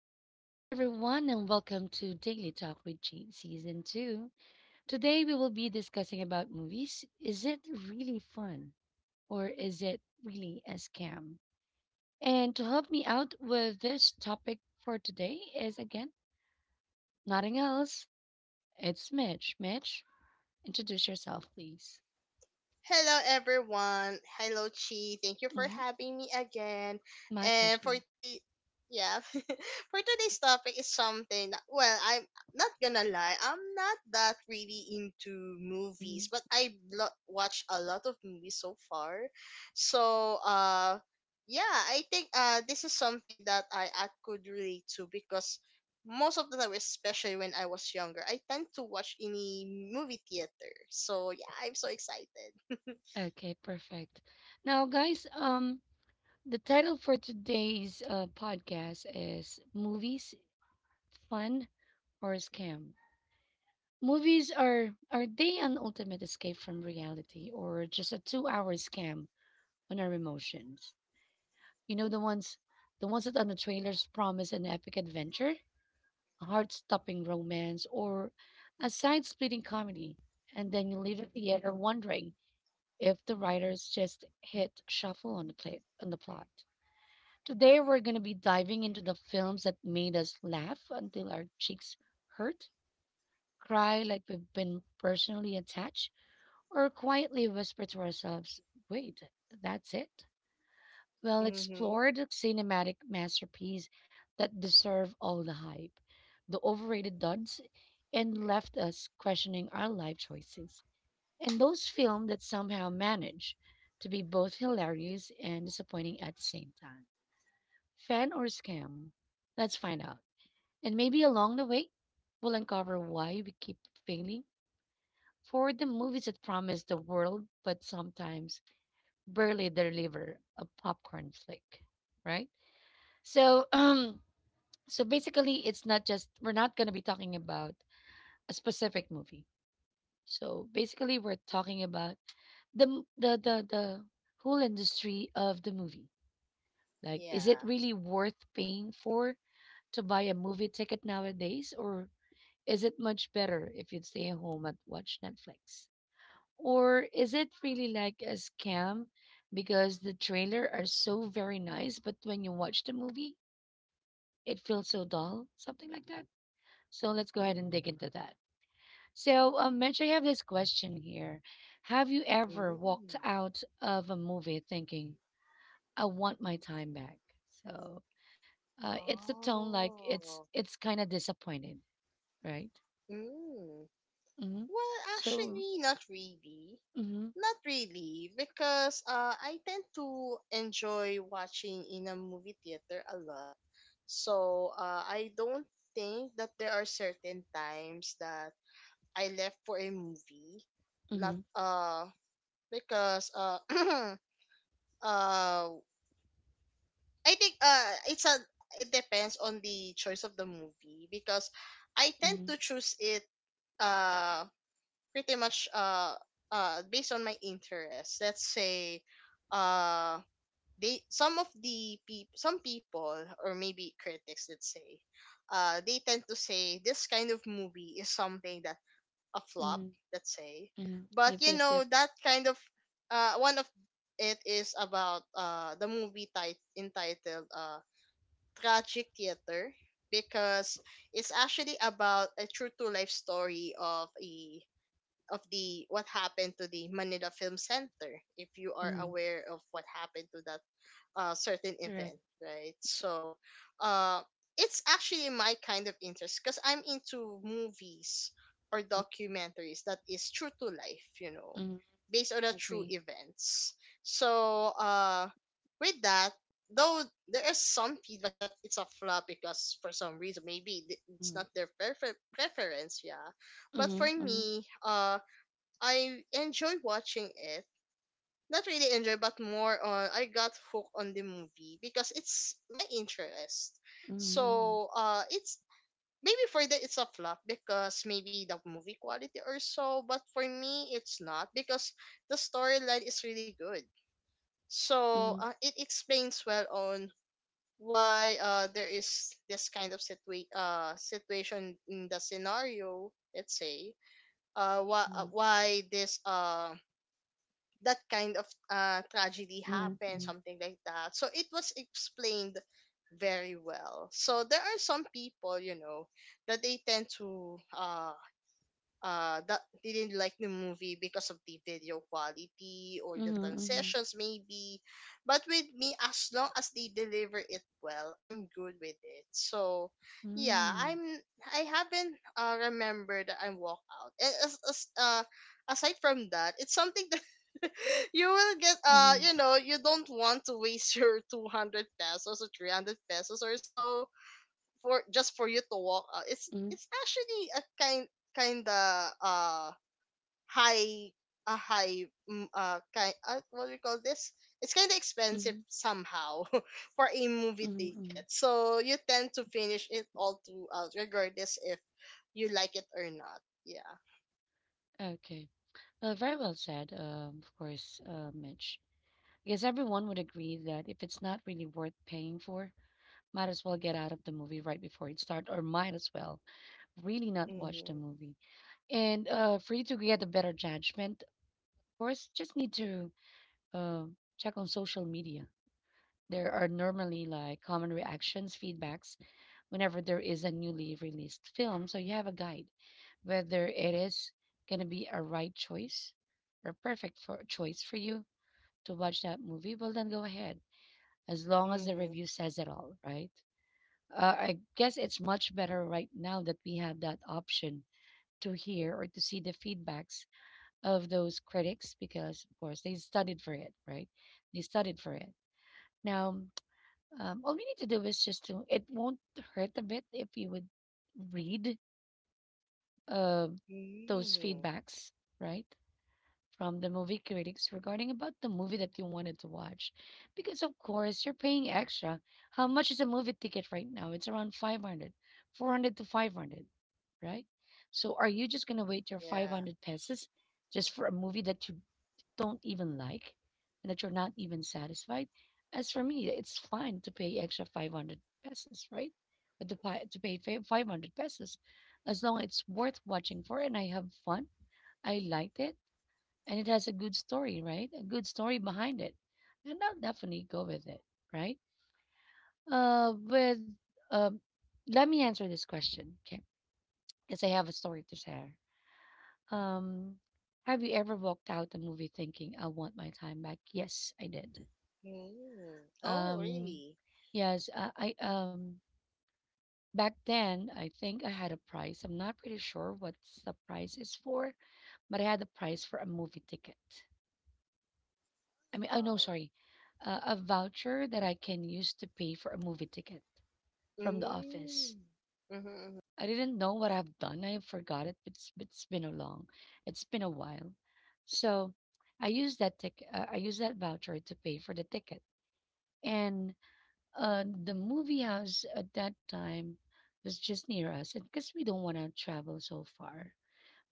good morning, everyone, and welcome to Daily Talk with Jane Season 2. Today, we will be discussing about movies. Is it really fun or is it really a scam? And to help me out with this topic for today is again, nothing else. It's Mitch. Mitch, introduce yourself, please. Hello, everyone. Hello, Chi. Thank you for Mhm. having me again. My And for pleasure. today, yeah, for today's topic is something. Well, I'm not gonna lie, I'm not that really into Mhm. movies, but I watched a lot of movies so far. So, uh, yeah, I think this is something that I could relate to because most of the time, especially when I was younger, I tend to watch any movie theater. So yeah, I'm so excited. Okay, perfect. Now, guys, the title for today's podcast is Movies fun, or a scam? Movies are they an ultimate escape from reality or just a 2 hour scam on our emotions? You know the ones the ones that on the trailers promise an epic adventure, a heart stopping romance, or a side splitting comedy, and then you leave the theater wondering if the writers just hit shuffle on the play on the plot. Today we're gonna be diving into the films that made us laugh until our cheeks hurt, cry like we've been personally attached, or quietly whisper to ourselves, wait, that's it? Well, Mhm. explore the cinematic masterpiece that deserve all the hype, the overrated duds, and left us questioning our life choices. And those films that somehow manage to be both hilarious and disappointing at the same time. Fan or scam? Let's find out. And maybe along the way, we'll uncover why we keep failing for the movies that promise the world but sometimes barely deliver a popcorn flick, right? So, so basically, it's not just we're not going to be talking about a specific movie. So basically, we're talking about the whole industry of the movie. Like, is it Yeah. really worth paying for to buy a movie ticket nowadays, or is it much better if you stay home and watch Netflix? Or is it really like a scam because the trailer are so very nice, but when you watch the movie, it feels so dull, something like that? So let's go ahead and dig into that. So, Mitch, I have this question here. Have you ever walked Mm. out of a movie thinking, I want my time back? So, it's a tone like it's Oh. it's kind of disappointed, right? Mm. Mm-hmm. Well, So, actually, not really. mm-hmm, Not really, because I tend to enjoy watching in a movie theater a lot. So I don't think that there are certain times that I left for a movie. Not mm-hmm, Because uh I think it depends on the choice of the movie because I tend mm-hmm, to choose it uh pretty much based on my interest. Let's say uh they some of the peop some people or maybe critics, let's say they tend to say this kind of movie is something that, a flop, mm-hmm, let's say. mm-hmm. But Yep, you yep, know, yep, that kind of one of it is about the movie entitled tragic theater because it's actually about a true to life story of a, of the, what happened to the Manila Film Center. If you are mm-hmm, aware of what happened to that certain event, correct. right? So, uh, it's actually my kind of interest because I'm into movies or documentaries that is true to life, you know, Mm-hmm. based on the true Agree. events. So, with that, though there is some feedback that it's a flop because for some reason maybe it's Mm-hmm. not their preference, yeah. But for Mm-hmm. me, I enjoy watching it, not really enjoy, but more on I got hooked on the movie because it's my interest. Mm-hmm. So it's maybe for that it's a flop because maybe the movie quality or so, but for me it's not, because the storyline is really good. So Mm-hmm. It explains well on why there is this kind of situation in the scenario. Let's say why this that kind of tragedy Mm-hmm. happened, Mm-hmm. something like that. So it was explained very well. So there are some people, you know, that they tend to that they didn't like the movie because of the video quality or the transitions maybe. But with me, as long as they deliver it well, I'm good with it. So yeah, Mm-hmm. I'm I haven't remembered that I walk out. And as aside from that, it's something you will get Mm-hmm. you know, you don't want to waste your 200 pesos or 300 pesos or so, for just, for you to walk out. It's actually a kind of high, a high, mm, kind what do we call this, it's kind of expensive Mm-hmm. somehow for a movie Mm-hmm. ticket. So you tend to finish it all throughout regardless if you like it or not, yeah. Okay. Well, very well said, of course, Mitch. Because everyone would agree that if it's not really worth paying for, might as well get out of the movie right before it starts, or might as well really not watch the Mm-hmm. movie. And for you to get a better judgment, of course, just need to uh, check on social media. There are normally like common reactions, feedbacks whenever there is a newly released film. So you have a guide whether it is going to be a right choice or perfect for choice for you to watch that movie. Well, then go ahead as long as the Mm-hmm. review says it all, right? I guess it's much better right now that we have that option to hear or to see the feedbacks of those critics because, of course, they studied for it, right? They studied for it. Now, all we need to do is just to, it won't hurt a bit if you would read uh, those Hmm. feedbacks, right? From the movie critics regarding about the movie that you wanted to watch. Because, of course, you're paying extra. How much is a movie ticket right now? It's around 500, 400 to 500, right? So, are you just going to wait your Yeah. 500 pesos just for a movie that you don't even like and that you're not even satisfied. As for me, it's fine to pay extra 500 pesos, right? But to pay 500 pesos, as long as it's worth watching for and I have fun, I liked it, and it has a good story, right? A good story behind it. And I'll definitely go with it, right? With um, let me answer this question, okay? Because I have a story to share. Um, have you ever walked out the movie thinking, I want my time back? Yes, I did. Mm. Oh, Um, really? yes, I back then I think I had a price. I'm not pretty sure what the price is for, but I had a price for a movie ticket. I mean, oh no, Oh. sorry, a voucher that I can use to pay for a movie ticket from the office. Mm. Mm-hmm. I didn't know what I've done. I forgot it. It's been a long, it's been a while, so I used that ticket. I used that voucher to pay for the ticket and the movie house at that time was just near us, and because we don't want to travel so far,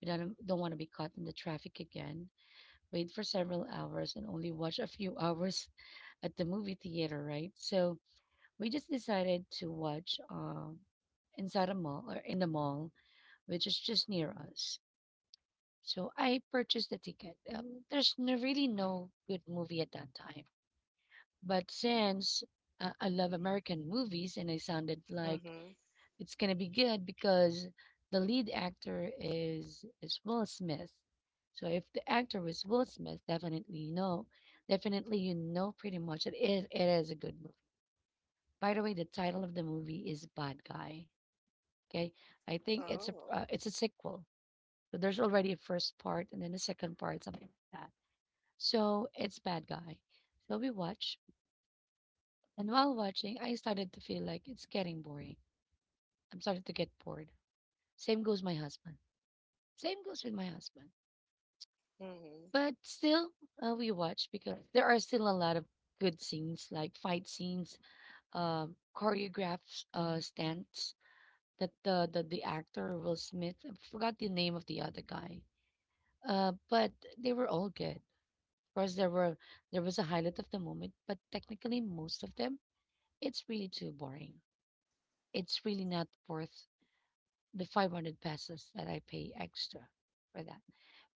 we don't want to be caught in the traffic again. Wait for several hours and only watch a few hours at the movie theater, right? So we just decided to watch inside a mall or in the mall, which is just near us. So I purchased the ticket. There's no, really no good movie at that time, but since I love American movies and I sounded Mm-hmm. like Mm-hmm. it's gonna be good because the lead actor is Will Smith. So if the actor was Will Smith, definitely you know pretty much it is a good movie. By the way, the title of the movie is Bad Guy. Okay, I think Oh. It's a sequel. So there's already a first part and then a second part, something like that. So it's Bad Guy. So we watch, and while watching, I started to feel like it's getting boring. I'm starting to get bored. Same goes my husband. Same goes with my husband. Mm-hmm. But still, we watch because there are still a lot of good scenes, like fight scenes, choreographed stunts that the actor Will Smith. I forgot the name of the other guy. But they were all good. Of course, there was a highlight of the moment, but technically, most of them, it's really too boring. It's really not worth the 500 pesos that I pay extra for that.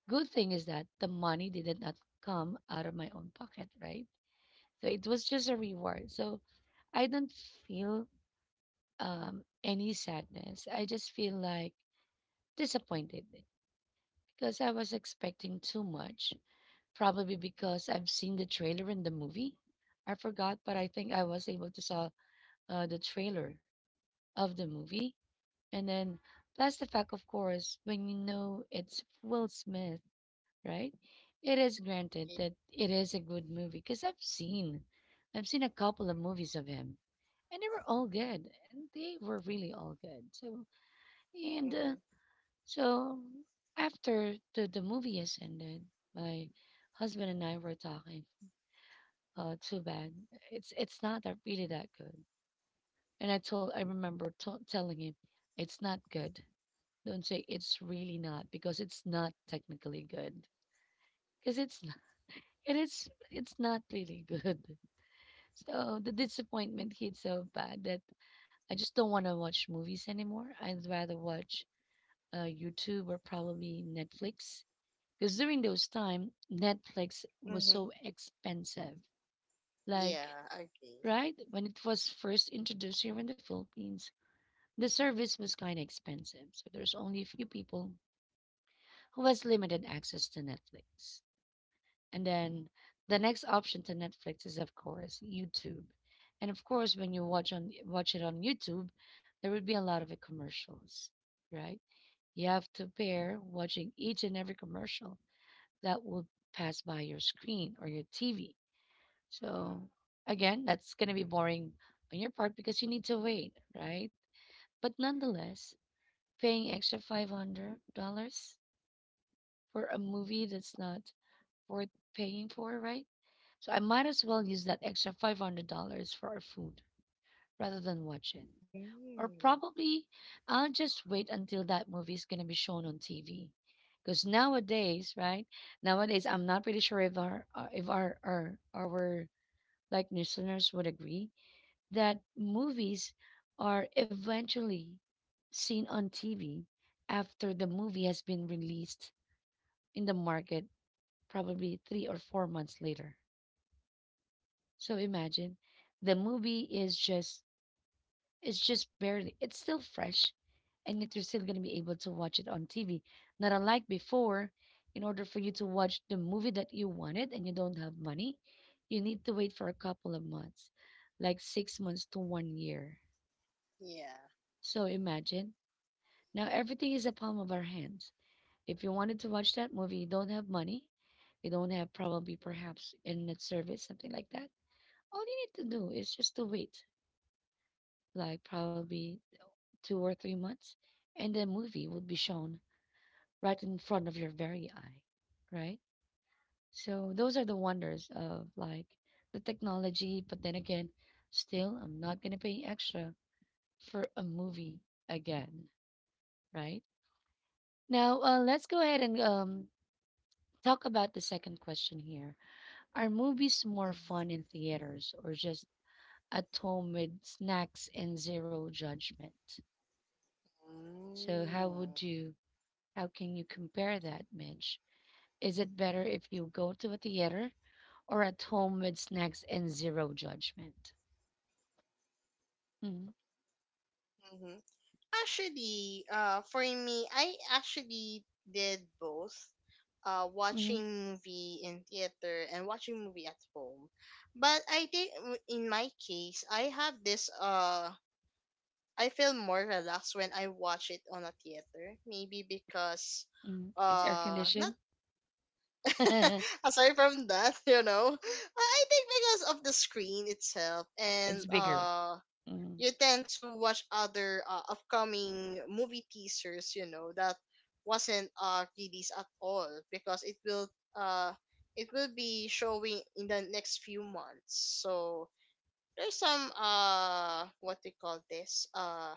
Good thing is that the money did not come out of my own pocket, right? So it was just a reward. So I don't feel any sadness. I just feel like disappointed because I was expecting too much. Probably because I've seen the trailer in the movie. I forgot, but I think I was able to saw the trailer of the movie. And then plus the fact, of course, when you know it's Will Smith, right? It is granted Yeah. that it is a good movie because I've seen a couple of movies of him, and they were all good, and they were really all good. So and uh, Mm-hmm. so after the movie has ended, my husband and I were talking. Too bad. It's not that really that good. And I remember to telling him, it's not good. Don't say it's really not because it's not technically good because it's It is it's not really good. So the disappointment hit so bad that I just don't want to watch movies anymore. I'd rather watch YouTube or probably Netflix because during those time Netflix was Mm-hmm. so expensive. Like Yeah, I agree. right when it was first introduced here in the Philippines, the service was kind of expensive. So there's only a few people who has limited access to Netflix. And then the next option to Netflix is of course YouTube. And of course when you watch it on YouTube, there would be a lot of commercials, right? You have to pair watching each and every commercial that will pass by your screen or your TV. So again, that's going to be boring on your part because you need to wait, right? But nonetheless, paying extra $500 for a movie that's not worth paying for, right? So I might as well use that extra $500 for our food rather than watch it. Or Mm. probably I'll just wait until that movie is going to be shown on TV. Because nowadays, right? Nowadays, I'm not pretty sure if our if our like listeners would agree that movies are eventually seen on TV after the movie has been released in the market, probably 3 or 4 months later. So imagine the movie is just it's just barely it's still fresh and yet you're still gonna be able to watch it on TV. Not unlike before, in order for you to watch the movie that you wanted and you don't have money, you need to wait for a couple of months, like 6 months to 1 year. Yeah. So imagine now everything is a palm of our hands. If you wanted to watch that movie, you don't have money, you don't have probably perhaps internet service, something like that. All you need to do is just to wait like probably 2 or 3 months, and the movie would be shown right in front of your very eye, right? So those are the wonders of like the technology, but then again, still, I'm not gonna pay extra for a movie again, right? Now, let's go ahead and talk about the second question here. Are movies more Mm-hmm. fun in theaters or just at home with snacks and zero judgment? So, How can you compare that, Midge? Is it better if you go to a theater or at home with snacks and zero judgment? Mm, Mm-hmm. Actually, for me, I actually did both. Mm, Watching movie in theater and watching movie at home, but I think in my case I have this I feel more relaxed when I watch it on a theater. Maybe because mm. It's air not conditioned. It's aside from that, you know. I think because of the screen itself, and bigger. Mm, you tend to watch other upcoming movie teasers, you know, that wasn't released at all because uh it will be showing in the next few months. So there's some what they call this,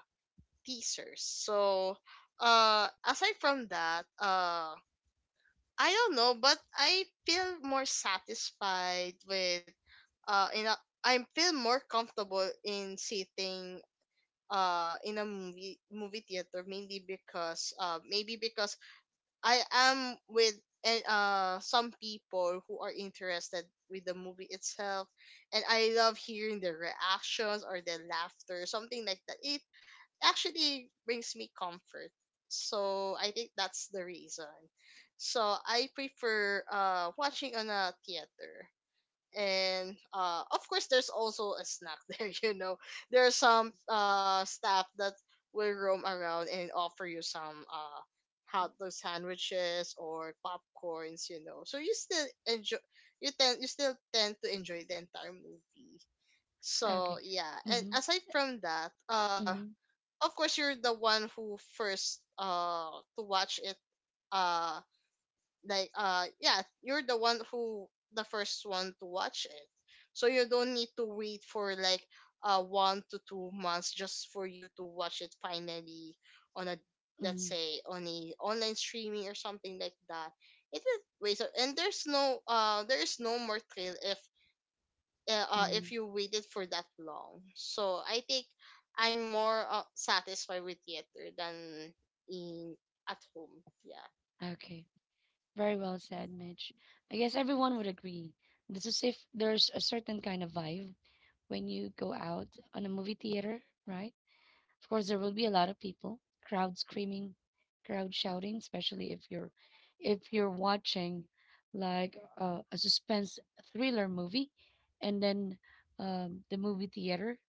teasers. So, aside from that, I don't know, but I feel more satisfied uh, in a, I feel more comfortable in sitting in a movie theater, mainly because maybe because I am with, and some people who are interested with the movie itself, and I love hearing the reactions or the laughter, something like that. It actually brings me comfort. So I think that's the reason. So I prefer watching on a theater. And of course there's also a snack there, you know. There are some staff that will roam around and offer you some hot dog sandwiches or popcorns, you know. So you still enjoy, you still tend to enjoy the entire movie. okay. So yeah, and Mm-hmm, aside from that, mm-hmm, of course you're the one who first to watch it, uh yeah, you're the one who, the first one to watch it, so you don't need to wait for like 1 to 2 months just for you to watch it finally on a, let's mm, say on a online streaming or something like that. It is wait So, and there's no there is no more trail mm. if you waited for that long. So I think I'm more satisfied with theater than in, at home. Yeah. Okay. Very well said, Mitch. I guess everyone would agree. This is if there's a certain kind of vibe when you go out on a movie theater, right? Of course, there will be a lot of people, crowd screaming, crowd shouting, especially if you're watching like a suspense thriller movie, and then the movie theater,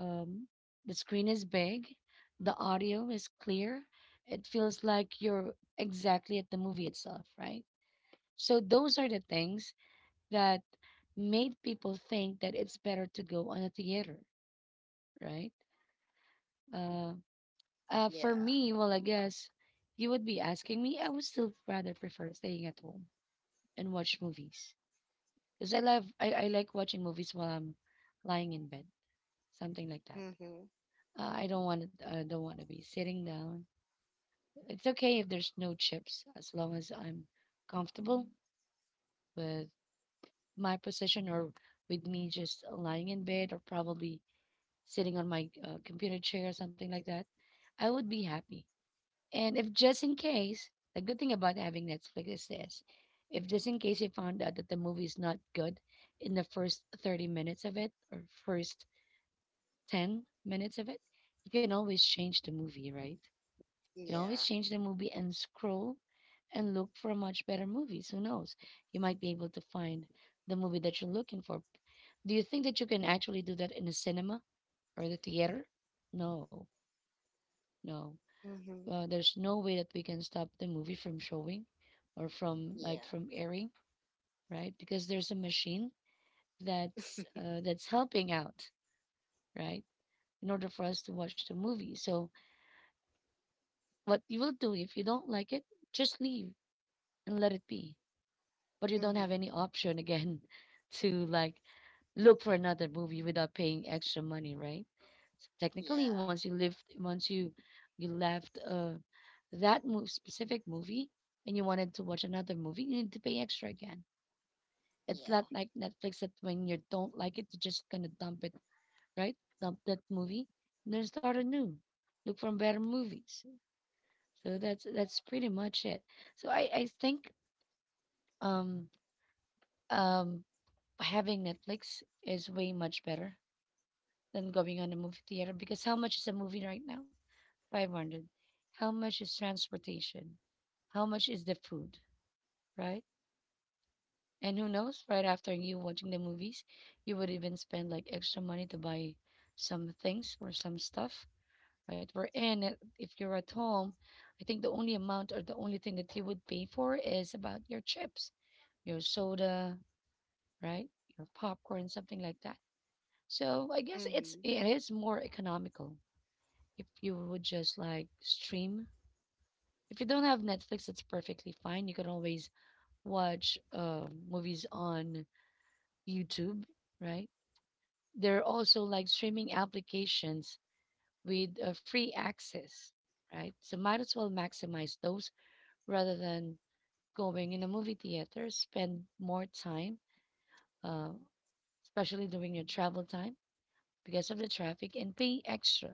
um, the screen is big, the audio is clear. It feels like you're exactly at the movie itself, right? So those are the things that made people think that it's better to go on a theater, right? Uh, for Yeah. me, well, I guess if you would be asking me. I would still rather prefer staying at home and watch movies because I like watching movies while I'm lying in bed, something like that. Mhm. I don't want to I don't want to be sitting down. It's okay if there's no chips as long as I'm comfortable with my position or with me just lying in bed or probably sitting on my computer chair or something like that. I would be happy. And if just in case, the good thing about having Netflix is this, if just in case you found out that the movie is not good in the first 30 minutes of it or first 10 minutes of it, you can always change the movie, right? You can always Yeah. change the movie and scroll and look for a much better movies. Who knows? You might be able to find the movie that you're looking for. Do you think that you can actually do that in a cinema or the theater? No, no. Mhm. There's no way that we can stop the movie from showing or from like Yeah. from airing, right? Because there's a machine that's helping out, right? In order for us to watch the movie. So what you will do if you don't like it, just leave and let it be. But you don't have Mhm. any option again to like look for another movie without paying extra money, right? So technically, Yeah. once you left that specific movie and you wanted to watch another movie, you need to pay extra again. It's Yeah. not like Netflix that when you don't like it, you're just gonna dump it, right? Dump that movie and then start anew. Look for better movies. So that's pretty much it. So I think um um having Netflix is way much better than going on a movie theater because how much is a movie right now? 500. How much is transportation? How much is the food, right? And who knows, right after you watching the movies, you would even spend like extra money to buy some things or some stuff, right? We're in it. If you're at home, I think the only amount or the only thing that you would pay for is about your chips, your soda, right? Your popcorn, something like that. So I guess it's Mhm. it is more economical if you would just like stream. If you don't have Netflix, that's perfectly fine. You can always watch movies on YouTube, right? There are also like streaming applications with free access, right? So might as well maximize those rather than going in a movie theater, spend more time, uh, especially during your travel time because of the traffic, and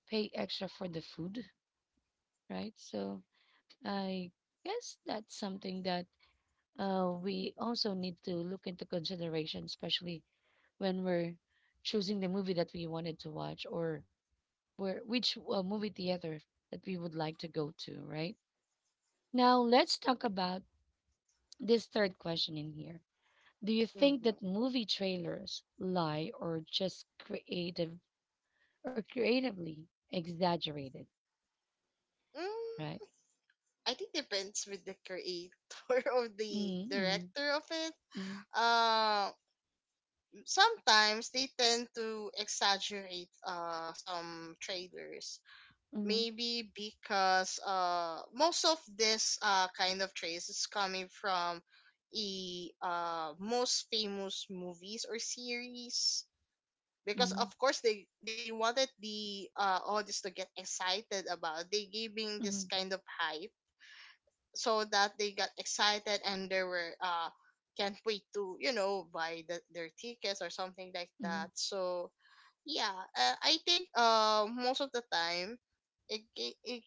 pay extra for the food, right? So I guess that's something that we also need to look into consideration, especially when we're choosing the movie that we wanted to watch or where which movie theater that we would like to go to, right? Now, let's talk about this third question in here. Do you think Mhm. that movie trailers lie or just creative or creatively exaggerated, Mm, right? I think depends with the creator or the Mm-hmm, director of it. mm-hmm, Uh, sometimes they tend to exaggerate some trailers, mm-hmm, maybe because most of this kind of trace is coming from the most famous movies or series, because of mm-hmm, course they wanted the audience to get excited about it. They giving this mm-hmm, kind of hype so that they got excited, and they were can't wait to, you know, buy the, their tickets or something like that. mm-hmm, So yeah, I think most of the time it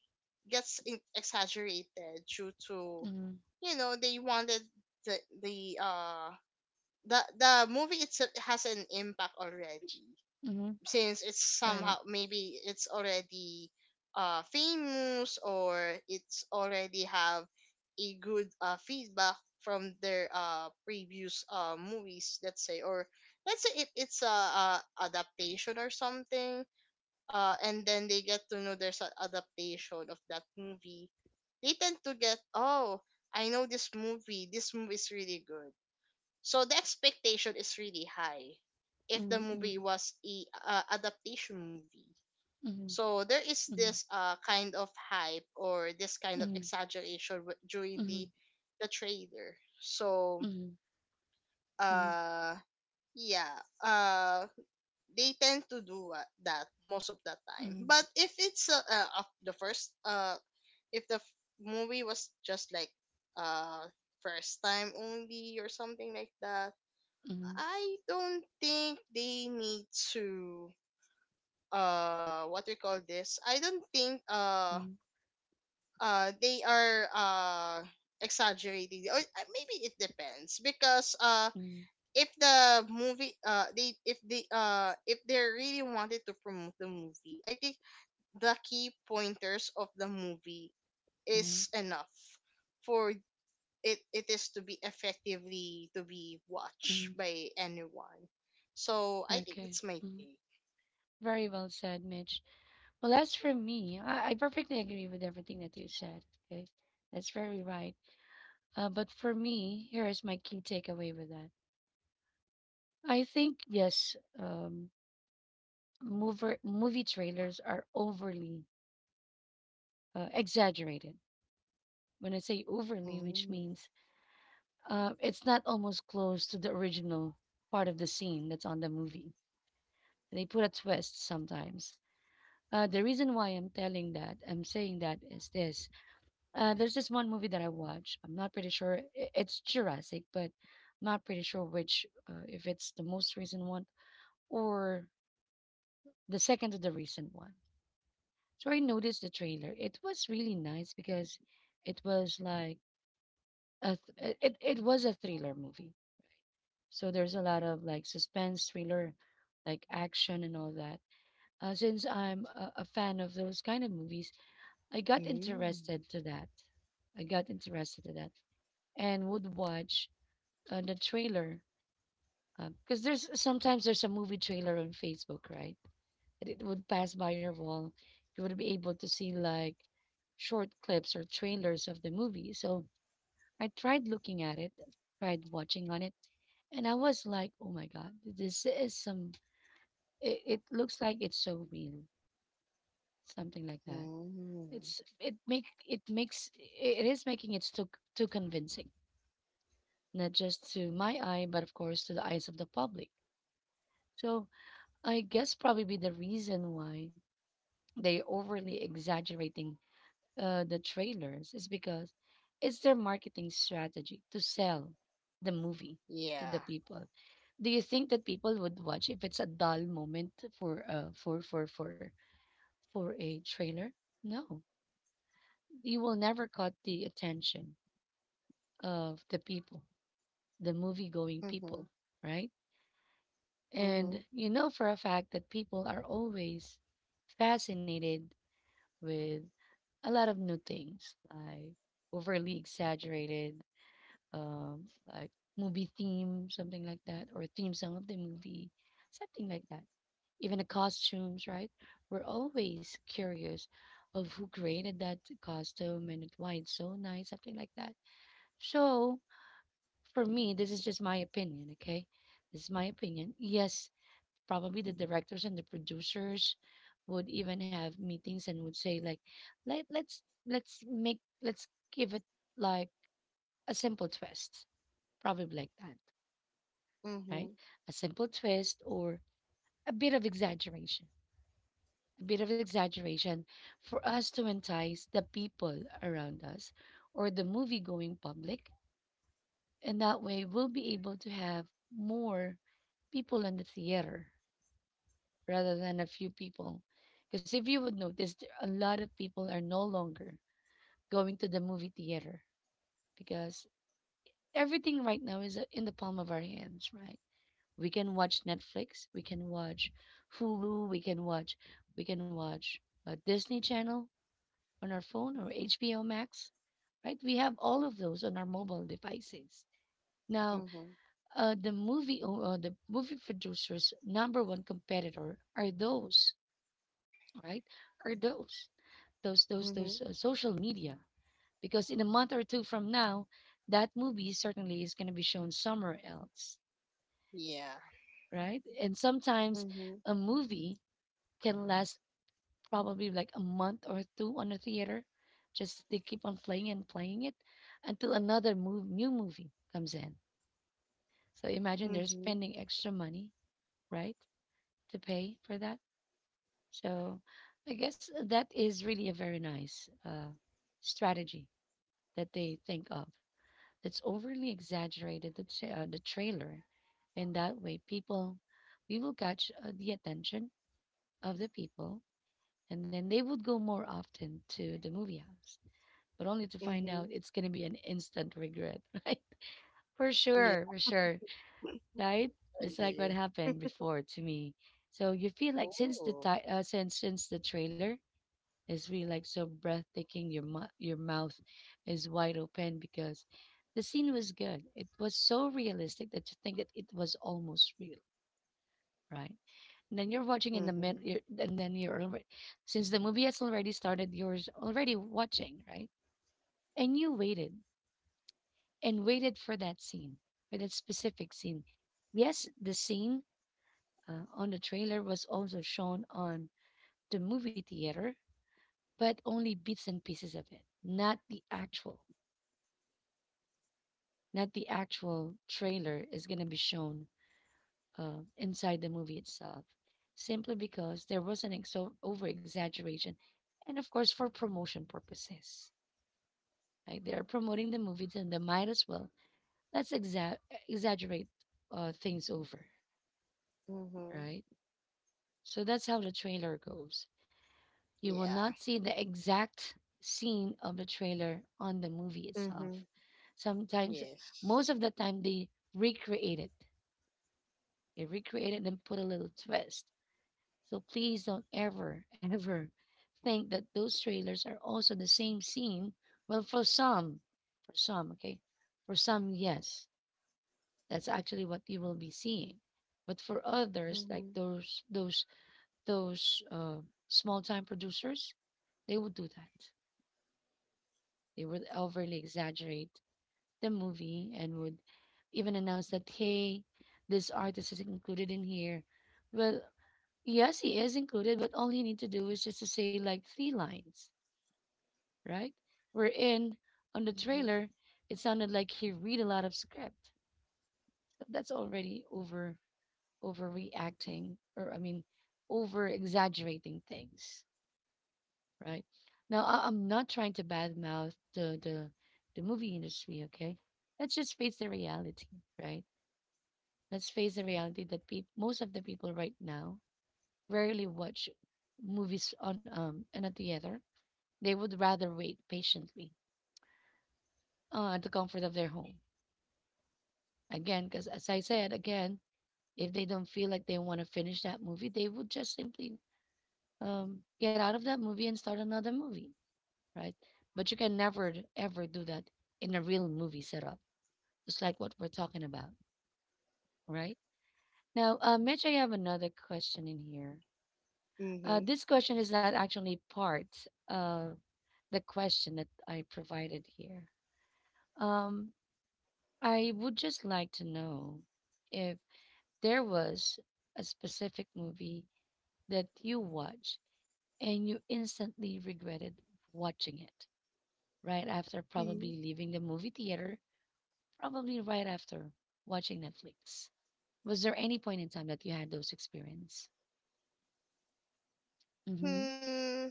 gets exaggerated due to, mm-hmm. you know, they wanted the the uh the movie itself has an impact already, Mhm. since it's Right. somehow, maybe it's already famous, or it's already have a good feedback from their previous movies, let's say. Or let's say if it's a adaptation or something, and then they get to know there's an adaptation of that movie, they tend to get, oh, I know this movie. This movie is really good. So the expectation is really high if the movie Mhm. was a adaptation movie. Mhm. So there is Mhm. this kind of hype, or this kind of Mhm. exaggeration during the Mhm. the trailer. So Mhm. Mhm. Mhm. uh yeah, uh they tend to do that most of the time. But if it's of the first if the movie was just like uh first time only or something like that, Mhm. Mhm. I don't think they need to, what we call this? I don't think Mhm. They are exaggerating, or maybe it depends, because Mhm. if the movie they if they if they really wanted to promote the movie, I think the key pointers of the movie Mhm. is enough for it is to be effectively to be watched Mhm. by anyone. So I think that's Okay. my Mhm. take. Very well said, Mitch. Well, as for me, I perfectly agree with everything that you said. Okay. That's very right. But for me, here is my key takeaway with that. I think, yes, movie trailers are overly exaggerated. When I say overly, which Mm, means it's not almost close to the original part of the scene that's on the movie. They put a twist sometimes. The reason why I'm saying that is this. There's this one movie that I watch. I'm not pretty sure. It's Jurassic, but I'm not pretty sure which, if it's the most recent one or the second to the recent one. So I noticed the trailer. It was really nice because it was like a it was a thriller movie, right? So there's a lot of like suspense, thriller, like action and all that. Since I'm a fan of those kind of movies, I got mm, interested to that. I got interested to that and would watch the trailer because there's sometimes there's a movie trailer on Facebook, right? And it would pass by your wall. You would be able to see like short clips or trailers of the movie. So I tried looking at it, tried watching on it, and I was like, oh my God, this is some, it looks like it's so real, something like that. mm. It's, it make, it makes, it is making it too, too convincing, not just to my eye, but of course to the eyes of the public. So I guess probably the reason why they overly exaggerating the trailers is because it's their marketing strategy to sell the movie to Yeah. the people. Do you think that people would watch if it's a dull moment for for a trailer? No, you will never caught the attention of the people, the movie going people, Mhm. right? Mhm. And you know for a fact that people are always fascinated with a lot of new things, like overly exaggerated um like movie theme, something like that, or theme song of the movie, something like that. Even the costumes, right? We're always curious of who created that costume and why it's so nice, something like that. So for me, this is just my opinion, okay? This is my opinion. Yes, probably the directors and the producers would even have meetings and would say like, let let's let's give it like a simple twist, probably like that, right? Mhm. A simple twist or a bit of exaggeration. A bit of exaggeration for us to entice the people around us or the movie going public. And that way, we'll be able to have more people in the theater rather than a few people. Because if you would notice, there- a lot of people are no longer going to the movie theater because everything right now is in the palm of our hands, right? We can watch Netflix, we can watch Hulu, we can watch a Disney Channel on our phone or HBO Max, right? We have all of those on our mobile devices. Now, Mhm. The movie producers' number one competitor are those, right? Are those those those Mhm. those uh, social media? Because in a month or two from now, that movie certainly is going to be shown somewhere else, Yeah. right? And sometimes Mhm. a movie can last probably like a month or two on the theater. Just they keep on playing and playing it until another new movie comes in. So imagine they're Mhm. spending extra money, right, to pay for that. So I guess that is really a very nice strategy that they think of. That's overly exaggerated. The trailer, in that way, people we will catch the attention of the people, and then they would go more often to the movie house, but only to find Mhm. out it's going to be an instant regret, right? Yeah. For sure, right? It's like what Agree. happened before to me. So you feel like Oh. Since the trailer is really like so breathtaking, your mouth is wide open because the scene was good. It was so realistic that you think that it was almost real, right? And then you're watching in the mid, Mhm. you're, and then you're already, since the movie has already started, already watching, right? And you waited and waited for that scene, for that specific scene. Yes, the scene, on the trailer, was also shown on the movie theater, but only bits and pieces of it, not the actual, not the actual trailer is going to be shown inside the movie itself, simply because there was an over exaggeration, and of course for promotion purposes. Right? They're promoting the movie, and they might as well, let's exa- exaggerate things over, Mhm. right? So that's how the trailer goes. You will Yeah. not see the exact scene of the trailer on the movie Mhm. itself. Sometimes, Yes. most of the time, they recreate it. They recreate it and put a little twist. So please don't ever, ever think that those trailers are also the same scene. Well, for some, okay, for some, yes, that's actually what you will be seeing. But for others, like Mm-hmm. Those small-time producers, they would do that. They would overly exaggerate the movie and would even announce that, hey, this artist is included in here. Well, yes, he is included, but all you need to do is just to say like three lines, right? We're in on the Mhm. trailer, it sounded like he read a lot of script. So that's already overreacting, or I mean over exaggerating things, right? Now, I'm not trying to badmouth the the movie industry, okay? Let's just face the reality, right? Let's face the reality that peop most of the people right now rarely watch movies on in a theater. They would rather wait patiently at the comfort of their home. Again, because as I said, again, if they don't feel like they want to finish that movie, they would just simply get out of that movie and start another movie, right? But you can never ever do that in a real movie setup. It's like what we're talking about, right? Now, Mitch, I have another question in here. Mhm. This question is not actually part of the question that I provided here. Um, I would just like to know if there was a specific movie that you watched and you instantly regretted watching it right after Mhm. probably leaving the movie theater. Probably right after watching Netflix. Was there any point in time that you had those experience? hmm Hmm.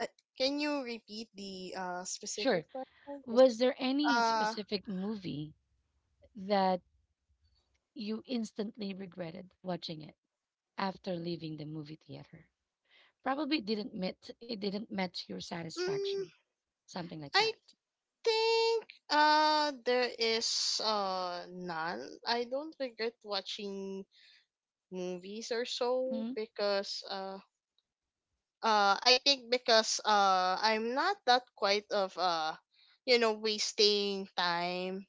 Uh, can you repeat the specific Sure. question? Was there any Uh. specific movie that you instantly regretted watching it after leaving the movie theater? Probably it didn't met it didn't match your Mm, satisfaction, something like I that. think there is none. I don't regret watching movies or so, Mm-hmm, because I think because I'm not that quite of you know, wasting time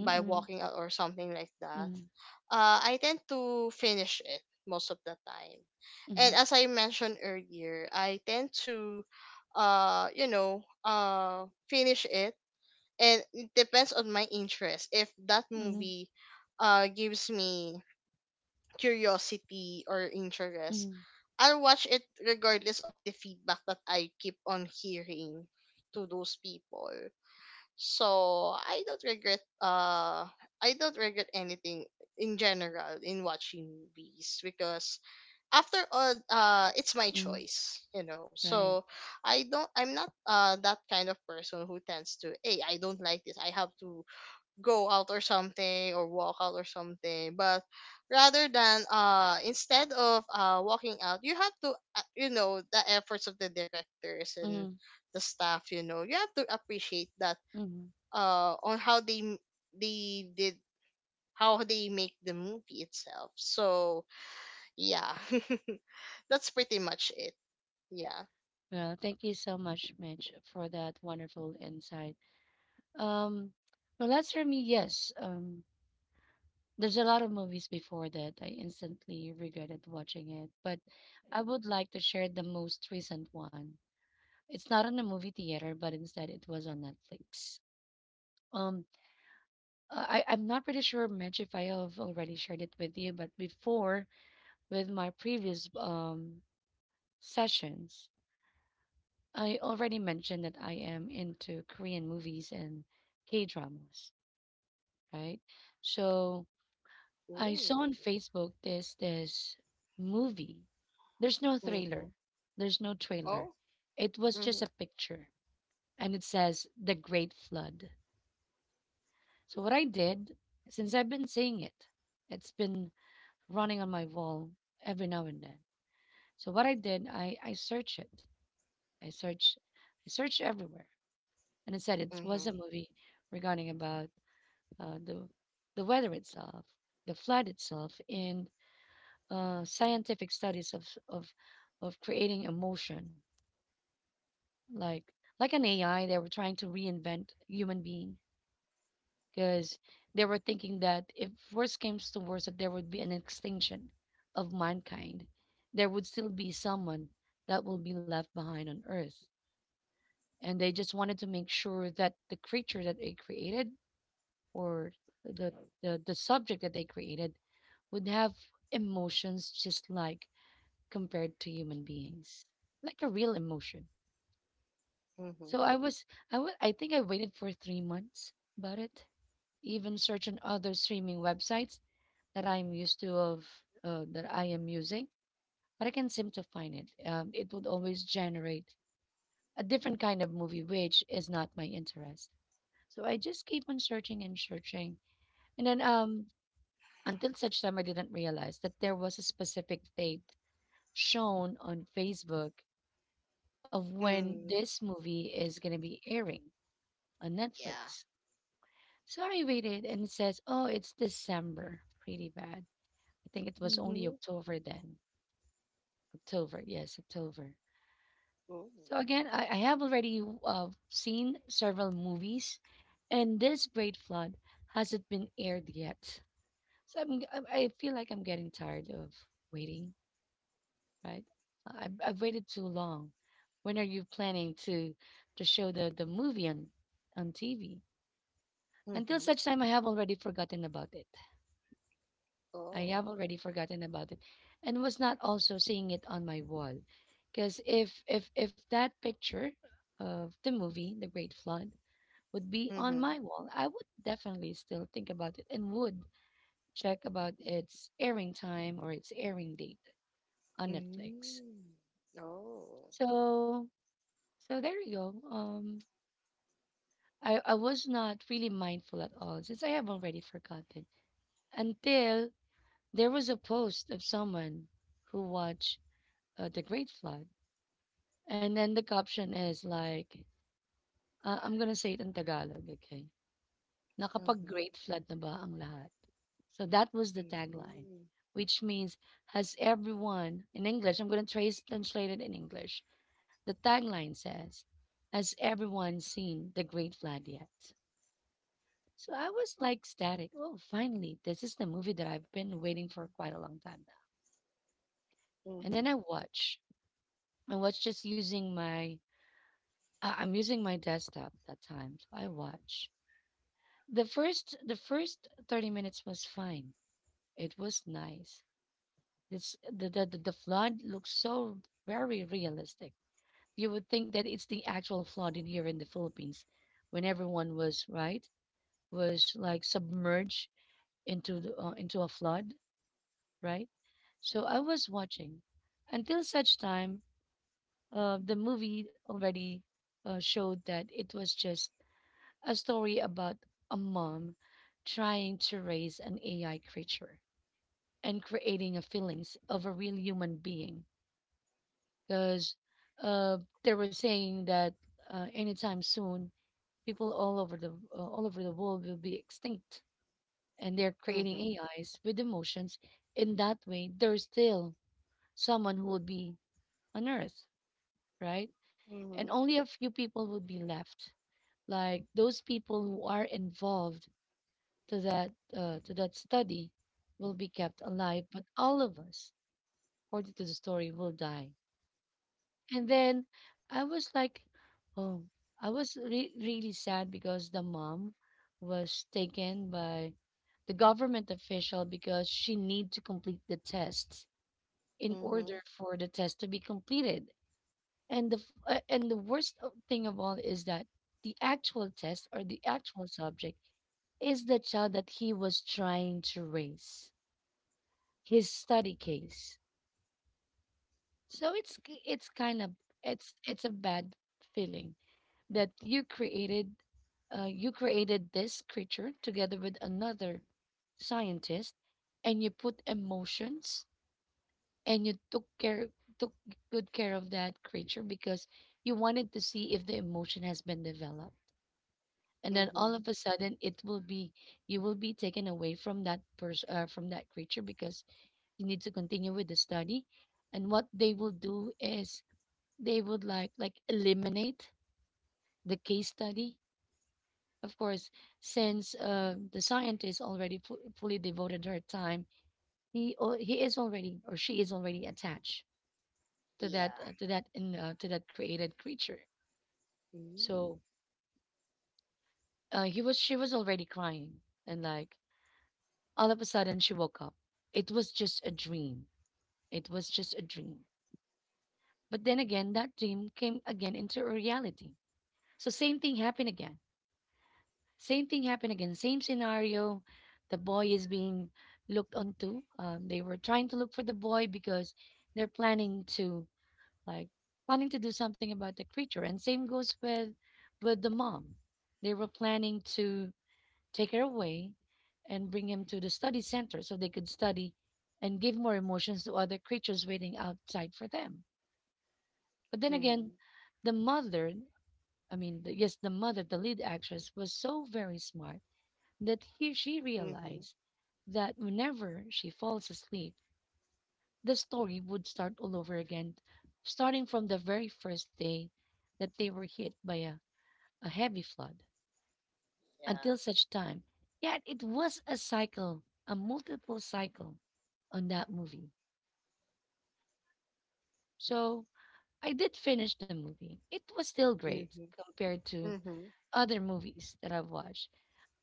by walking out or something like that. mm-hmm, Uh, I tend to finish it most of the time. And mm-hmm, as I mentioned earlier, I tend to you know, finish it, and it depends on my interest. If that mm-hmm, movie gives me curiosity or interest, mm-hmm, I'll watch it regardless of the feedback that I keep on hearing to those people. So I don't regret, I don't regret anything in general in watching movies, because after all it's my mm-hmm. choice, you know. Right. So I'm not that kind of person who tends to, hey, I don't like this, I have to go out or something, or walk out or something. But rather than, instead of walking out, you have to, you know, the efforts of the directors and Mm-hmm, the staff, you know, you have to appreciate that, mm-hmm. On how they did, how they make the movie itself. So yeah, that's pretty much it, yeah. Well, thank you so much, Mitch, for that wonderful insight. Um, well, as for me, yes. There's a lot of movies before that I instantly regretted watching it, but I would like to share the most recent one. It's not on a movie theater, but instead it was on Netflix. Um, I I'm not pretty sure, Mitch, if I have already shared it with you, but before, with my previous sessions, I already mentioned that I am into Korean movies and K-dramas, right? So I Ooh. saw on Facebook this movie. There's no trailer. Mm-hmm. There's no trailer. Oh. It was just Mm-hmm. a picture and it says The Great Flood. So what I did, since I've been seeing it, it's been running on my wall every now and then. So what I did, I searched it. I searched I searched everywhere and it said it was a Mm-hmm. movie regarding about uh, the the weather itself, the flood itself, in scientific studies of creating emotion, like like an AI. They were trying to reinvent human being because they were thinking that if worse came to worse, that there would be an extinction of mankind. There would still be someone that will be left behind on Earth, and they just wanted to make sure that the creature that they created, or the, subject that they created, would have emotions just like, compared to human beings, like a real emotion. Mm-hmm. So I was, I think I waited for 3 months about it. Even search on other streaming websites that I'm used to of that I am using, but I can seem to find it. It would always generate a different kind of movie, which is not my interest. So I just keep on searching and searching, and then until such time I didn't realize that there was a specific date shown on Facebook of Yeah. when Hmm. this movie is going to be airing on Yeah. Netflix. So I waited and it says, oh, it's December. Pretty bad. I think it was only October then. October, yes, October. Mm-hmm. So again, I have already seen several movies, and this Great Flood hasn't been aired yet. So I feel like I'm getting tired of waiting, right? I've waited too long. When are you planning to show the movie on TV? Until Ooh. such time, I have already forgotten about it. I Oh. have already forgotten about it, and was not also seeing it on my wall, because if that picture of the movie The Great Flood would be on Mm-hmm. my wall, I would definitely still think about it and would check about its airing time or its airing date on Netflix. Mm. Oh. So, so there you go. I was not really mindful at all since I have already forgotten until there was a post of someone who watched The Great Flood. And then the caption is like, I'm gonna say it in Tagalog, okay? Mm-hmm. Nakapag-Great Flood na ba ang lahat? So that was the tagline, Mm. which means, has everyone, in English, translate it in English. The tagline says, has everyone seen The Great Flood yet? So I was like static. Oh, finally, this is the movie that I've been waiting for quite a long time now. And then Mm-hmm. I watch. I was just using my I'm using my desktop that time, so I watch. The first 30 minutes was fine. It was nice. This The flood looks so very realistic. You would think that it's the actual flood in here in the Philippines when everyone was right was like submerged into the, into a flood, right? So I was watching until such time the movie already showed that it was just a story about a mom trying to raise an AI creature and creating a feelings of a real human being. Because they were saying that anytime soon, people all over the world will be extinct, and they're creating Mm-hmm. AIs with emotions. In that way, there's still someone who will be on Earth, right? And Mm-hmm. only a few people would be left, like those people who are involved to that study will be kept alive, but all of us, according to the story, will die. And then I was like, oh, I was really sad because the mom was taken by the government official because she need to complete the test in Mm-hmm. order for the test to be completed. And and the thing of all is that the actual test or the actual subject is the child that he was trying to raise his study case. So it's kind of, it's a bad feeling that you created, you created this creature together with another scientist and you put emotions and you took care took good care of that creature because you wanted to see if the emotion has been developed, and then Mm-hmm. all of a sudden it will be, you will be taken away from that person, from that creature, because you need to continue with the study. And what they will do is they would like eliminate the case study. Of course, since the scientist already fully devoted her time, he or he is already or she is already attached to that, Yeah. To that in to that created creature. So Mm. He was she was already crying and, like, all of a sudden she woke up. It was just a dream. It was just a dream. But then again, that dream came again into a reality. So same thing happened again. Same thing happened again. Same scenario. The boy is being looked onto. They were trying to look for the boy because they're planning to like planning to do something about the creature. And same goes with the mom. They were planning to take her away and bring him to the study center so they could study and give more emotions to other creatures waiting outside for them. But then again, Mm-hmm. the mother the mother, the lead actress, was so very smart that she Mm-hmm. realized that whenever she falls asleep, the story would start all over again, starting from the very first day that they were hit by a heavy flood Yeah. until such time. Yet it was a cycle, a multiple cycle on that movie. So I did finish the movie. It was still great Mm-hmm. compared to Mm-hmm. other movies that I've watched.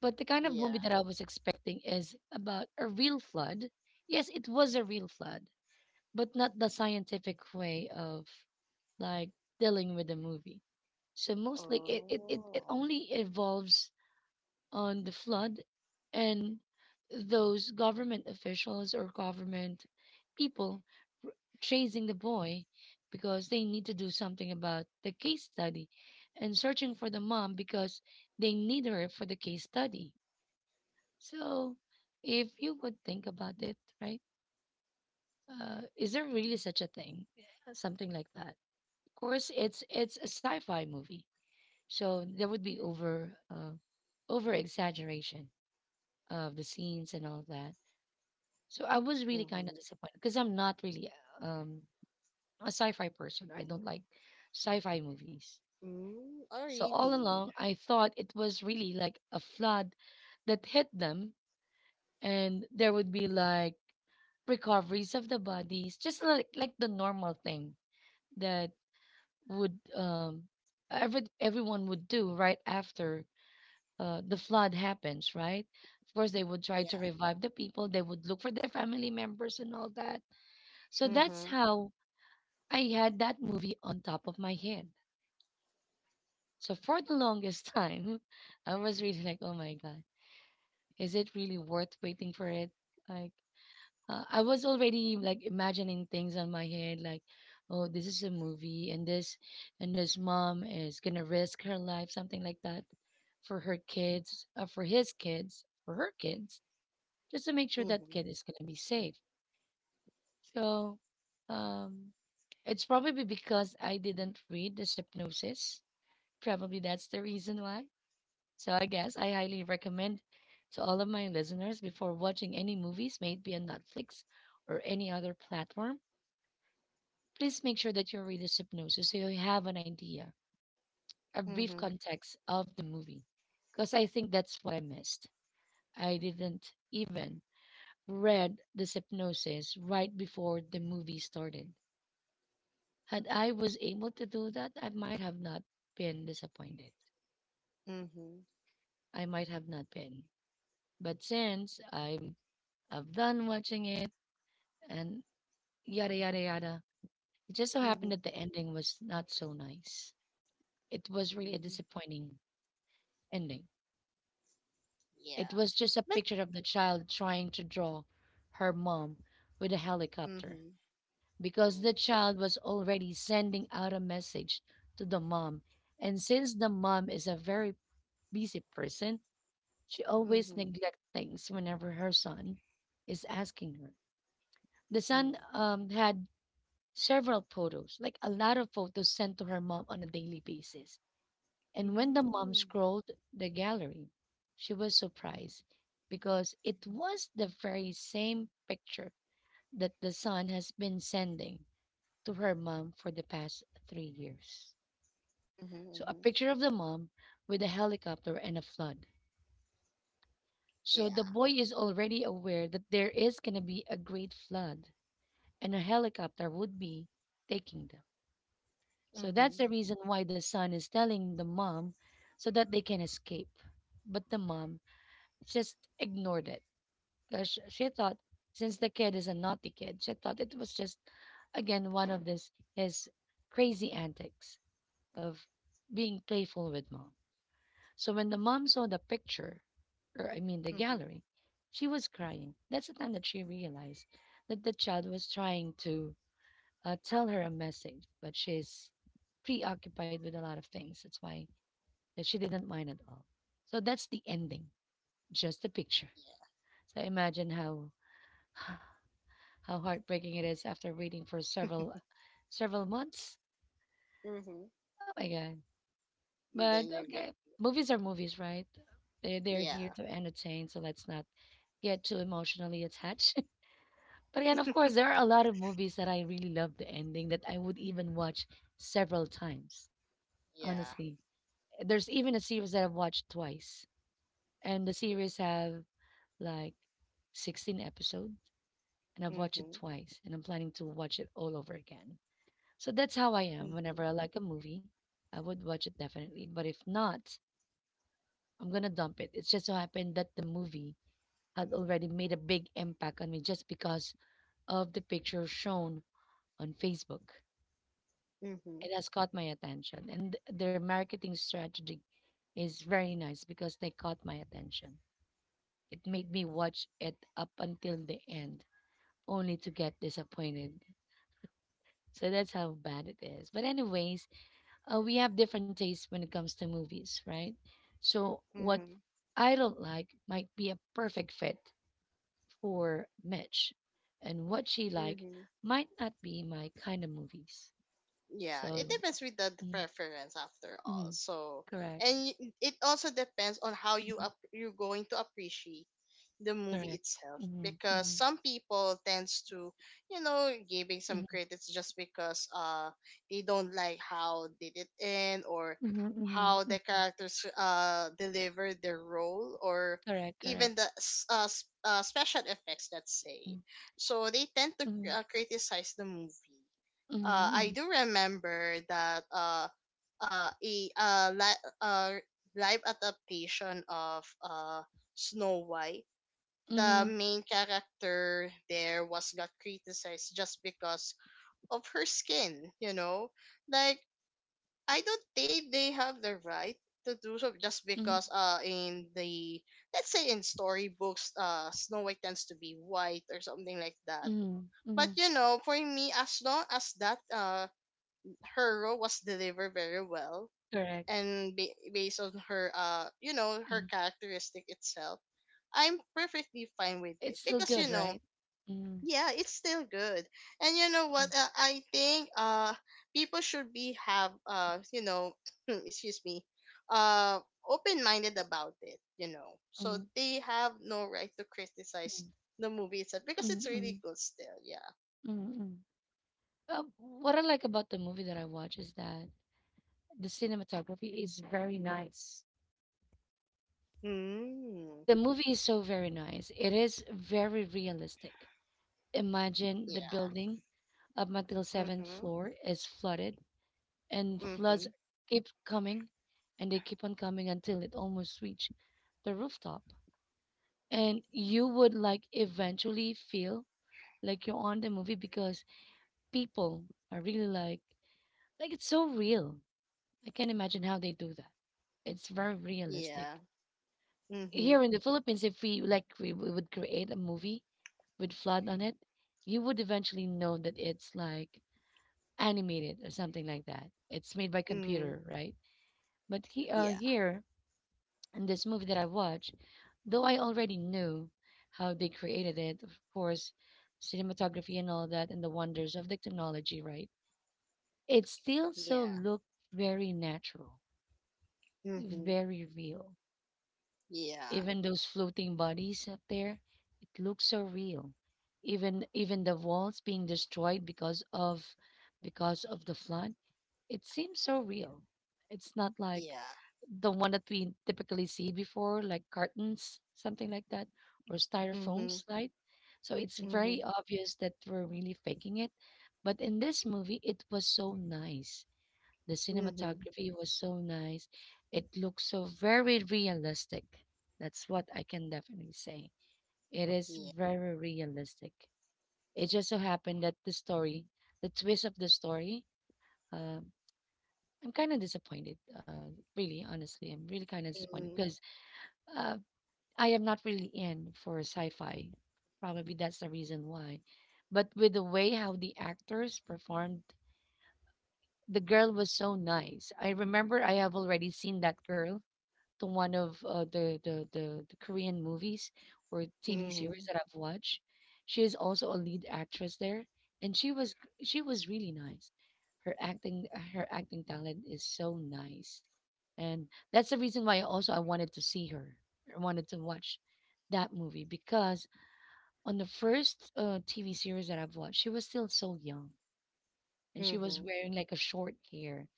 But the kind of Yeah. movie that I was expecting is about a real flood. Yes, it was a real flood, but not the scientific way of like dealing with the movie. So mostly it Oh. only evolves on the flood and those government officials or government people r- chasing the boy because they need to do something about the case study and searching for the mom because they need her for the case study. So, if you would think about it, right? Is there really such a thing? Yeah. Something like that. Of course, it's a sci-fi movie, so there would be over over exaggeration of the scenes and all that. So I was really kind of Mm-hmm. disappointed because I'm not really um, a sci-fi person. I don't like sci-fi movies. Mm. Oh, So all really? along, I thought it was really like a flood that hit them and there would be like recoveries of the bodies, just like the normal thing that would everyone would do right after the flood happens, right? Of course, they would try Yeah. to revive the people. They would look for their family members and all that. So that's Mm-hmm. how I had that movie on top of my head. So for the longest time, I was really like, oh my god, is it really worth waiting for it? Like I was already like imagining things on my head, like, oh, this is a movie, and this mom is gonna risk her life, something like that, for her kids, for her kids, just to make sure that Mm-hmm. kid is gonna be safe. So, um, it's probably because I didn't read the synopsis. Probably that's the reason why. So I guess I highly recommend to all of my listeners before watching any movies, maybe on Netflix or any other platform. Please make sure that you read the synopsis so you have an idea, a brief Mm-hmm. context of the movie. Because I think that's what I missed. I didn't even read the synopsis right before the movie started. Had I was able to do that, I might have not been disappointed. Mm-hmm. I might have not been. But since I've done watching it and yada yada yada, it just so happened that Mm-hmm. the ending was not so nice. It was really a Mm. disappointing ending. It Yeah. was just a But. picture of the child trying to draw her mom with a helicopter Mm-hmm. because the Oh. child was already sending out a message to the mom. And since the mom is a very busy person, she always Mm-hmm. neglects things whenever her son is asking her. The son Mm. Had several photos, like a lot of photos sent to her mom on a daily basis. And when the mom Mm. scrolled the gallery, she was surprised because it was the very same picture that the son has been sending to her mom for the past 3 years. So, Mhm. a Mhm. picture of the mom with a helicopter and a flood. So, the Yeah. boy is already aware that there is going to be a great flood and a helicopter would be taking them. So, that's the Mhm. reason why the son is telling the mom so that they can escape. But the mom just ignored it. She thought, since the kid is a naughty kid, she thought it was just, again, one of this his crazy antics of being playful with mom. So when the mom saw the picture, or I mean the Mhm. gallery, she was crying. That's the time that she realized that the child was trying to tell her a message, but she's preoccupied with a lot of things. That's why that she didn't mind at all. So that's the ending, just a picture. Yeah. So imagine how how heartbreaking it is after waiting for several months. Mhm. Oh my god. But Then you get. okay. Movies are movies, right? They're here Yeah. to entertain, so let's not get too emotionally attached. But again, of course, there are a lot of movies that I really love the ending that I would even watch several times. Yeah. Honestly, there's even a series that I've watched twice, and the series have like 16 episodes, and I've watched it Mhm. twice, and I'm planning to watch it all over again. So that's how I am. Whenever Mhm. I like a movie, I would watch it definitely. But if not, I'm gonna dump it. It's just so happened that the movie had already made a big impact on me just because of the picture shown on Facebook. It Mhm. has caught my attention, and their marketing strategy is very nice because they caught my attention. It made me watch it up until the end, only to get disappointed. So that's how bad it is. But anyways, we have different tastes when it comes to movies, right? So what Mhm. I don't like might be a perfect fit for Mitch, and what she like Mhm. might not be my kind of movies. Yeah. It So depends with the mm, preference after all. mm, So, correct, it also depends on how mhm, you're going to appreciate the movie correct, itself mm, because mm, some people tends to giving some mm, credits just because they don't like how did it end, or mhm, mhm, how the mhm, characters delivered their role, or correct, correct, even the special effects, let's say, mm, so they tend to mhm, criticize the movie. I mhm, do remember that uh, a uh, li- uh, live adaptation of Snow White. mhm, The main character there was got criticized just because of her skin, you know? Like, I don't think they have the right to do so just mhm, because in the, let's say, in storybooks Snow White tends to be white or something like that. mhm, But mhm, you know, for me, as long as that her role was delivered very well correct. and based on her her Mm. characteristic itself, I'm perfectly fine with it It's still because you good, know, right? Mm, yeah, it's still good. And you know mm, what, I think people should be have excuse me, uh open-minded about it, you know, so mm, they have no right to mm, criticize the movie itself because mm, it's really mm, good still. Yeah. mm, mm. What I like about the movie that I watch is that the cinematography is very nice. Hmm. The movie is so very nice. It is very realistic. Imagine the Yeah. building up until seventh Mm-hmm. floor is flooded and floods Mm-hmm. keep coming and they keep on coming until it almost reach the rooftop. And you would like eventually feel like you're on the movie because people are really like it's so real. I can't imagine how they do that. It's very realistic. Yeah. Mm-hmm. Here in the Philippines, if we would create a movie with flood on it, you would eventually know that it's like animated or something like that. It's made by Mm-hmm. computer, right? But Yeah. here in this movie that I watched, though I already knew how they created it, of course, cinematography and all that, and the wonders of the technology, right? It still so Yeah. looked very natural, Mm-hmm. very real. Yeah. Even those floating bodies up there, it looks so real. Even the walls being destroyed because of the flood, it seems so real. It's not like Yeah. the one that we typically see before, like cartons, something like that, or styrofoam Mm-hmm. slide. So it's Mm-hmm. very obvious that we're really faking it. But in this movie, it was so nice. The Mm-hmm. cinematography was so nice. It looks so very realistic. That's what I can definitely say. It is Yeah. very realistic. It just so happened that the story, the twist of the story, uh, I'm kind of disappointed. Really, honestly, I'm really kind of disappointed because uh, I am not really in for sci-fi. Probably that's the reason why. But with the way how the actors performed, the girl was so nice. I remember I have already seen that girl to one of the Korean movies or TV Mm-hmm. series Mm-hmm. that I've watched. She is also a lead actress there, and she was really nice. Her acting Her acting talent is so nice, and that's the reason why also I wanted to see her. I wanted to watch that movie because on the first TV series that I've watched, she was still so young and she was Mm-hmm. wearing like a short hair.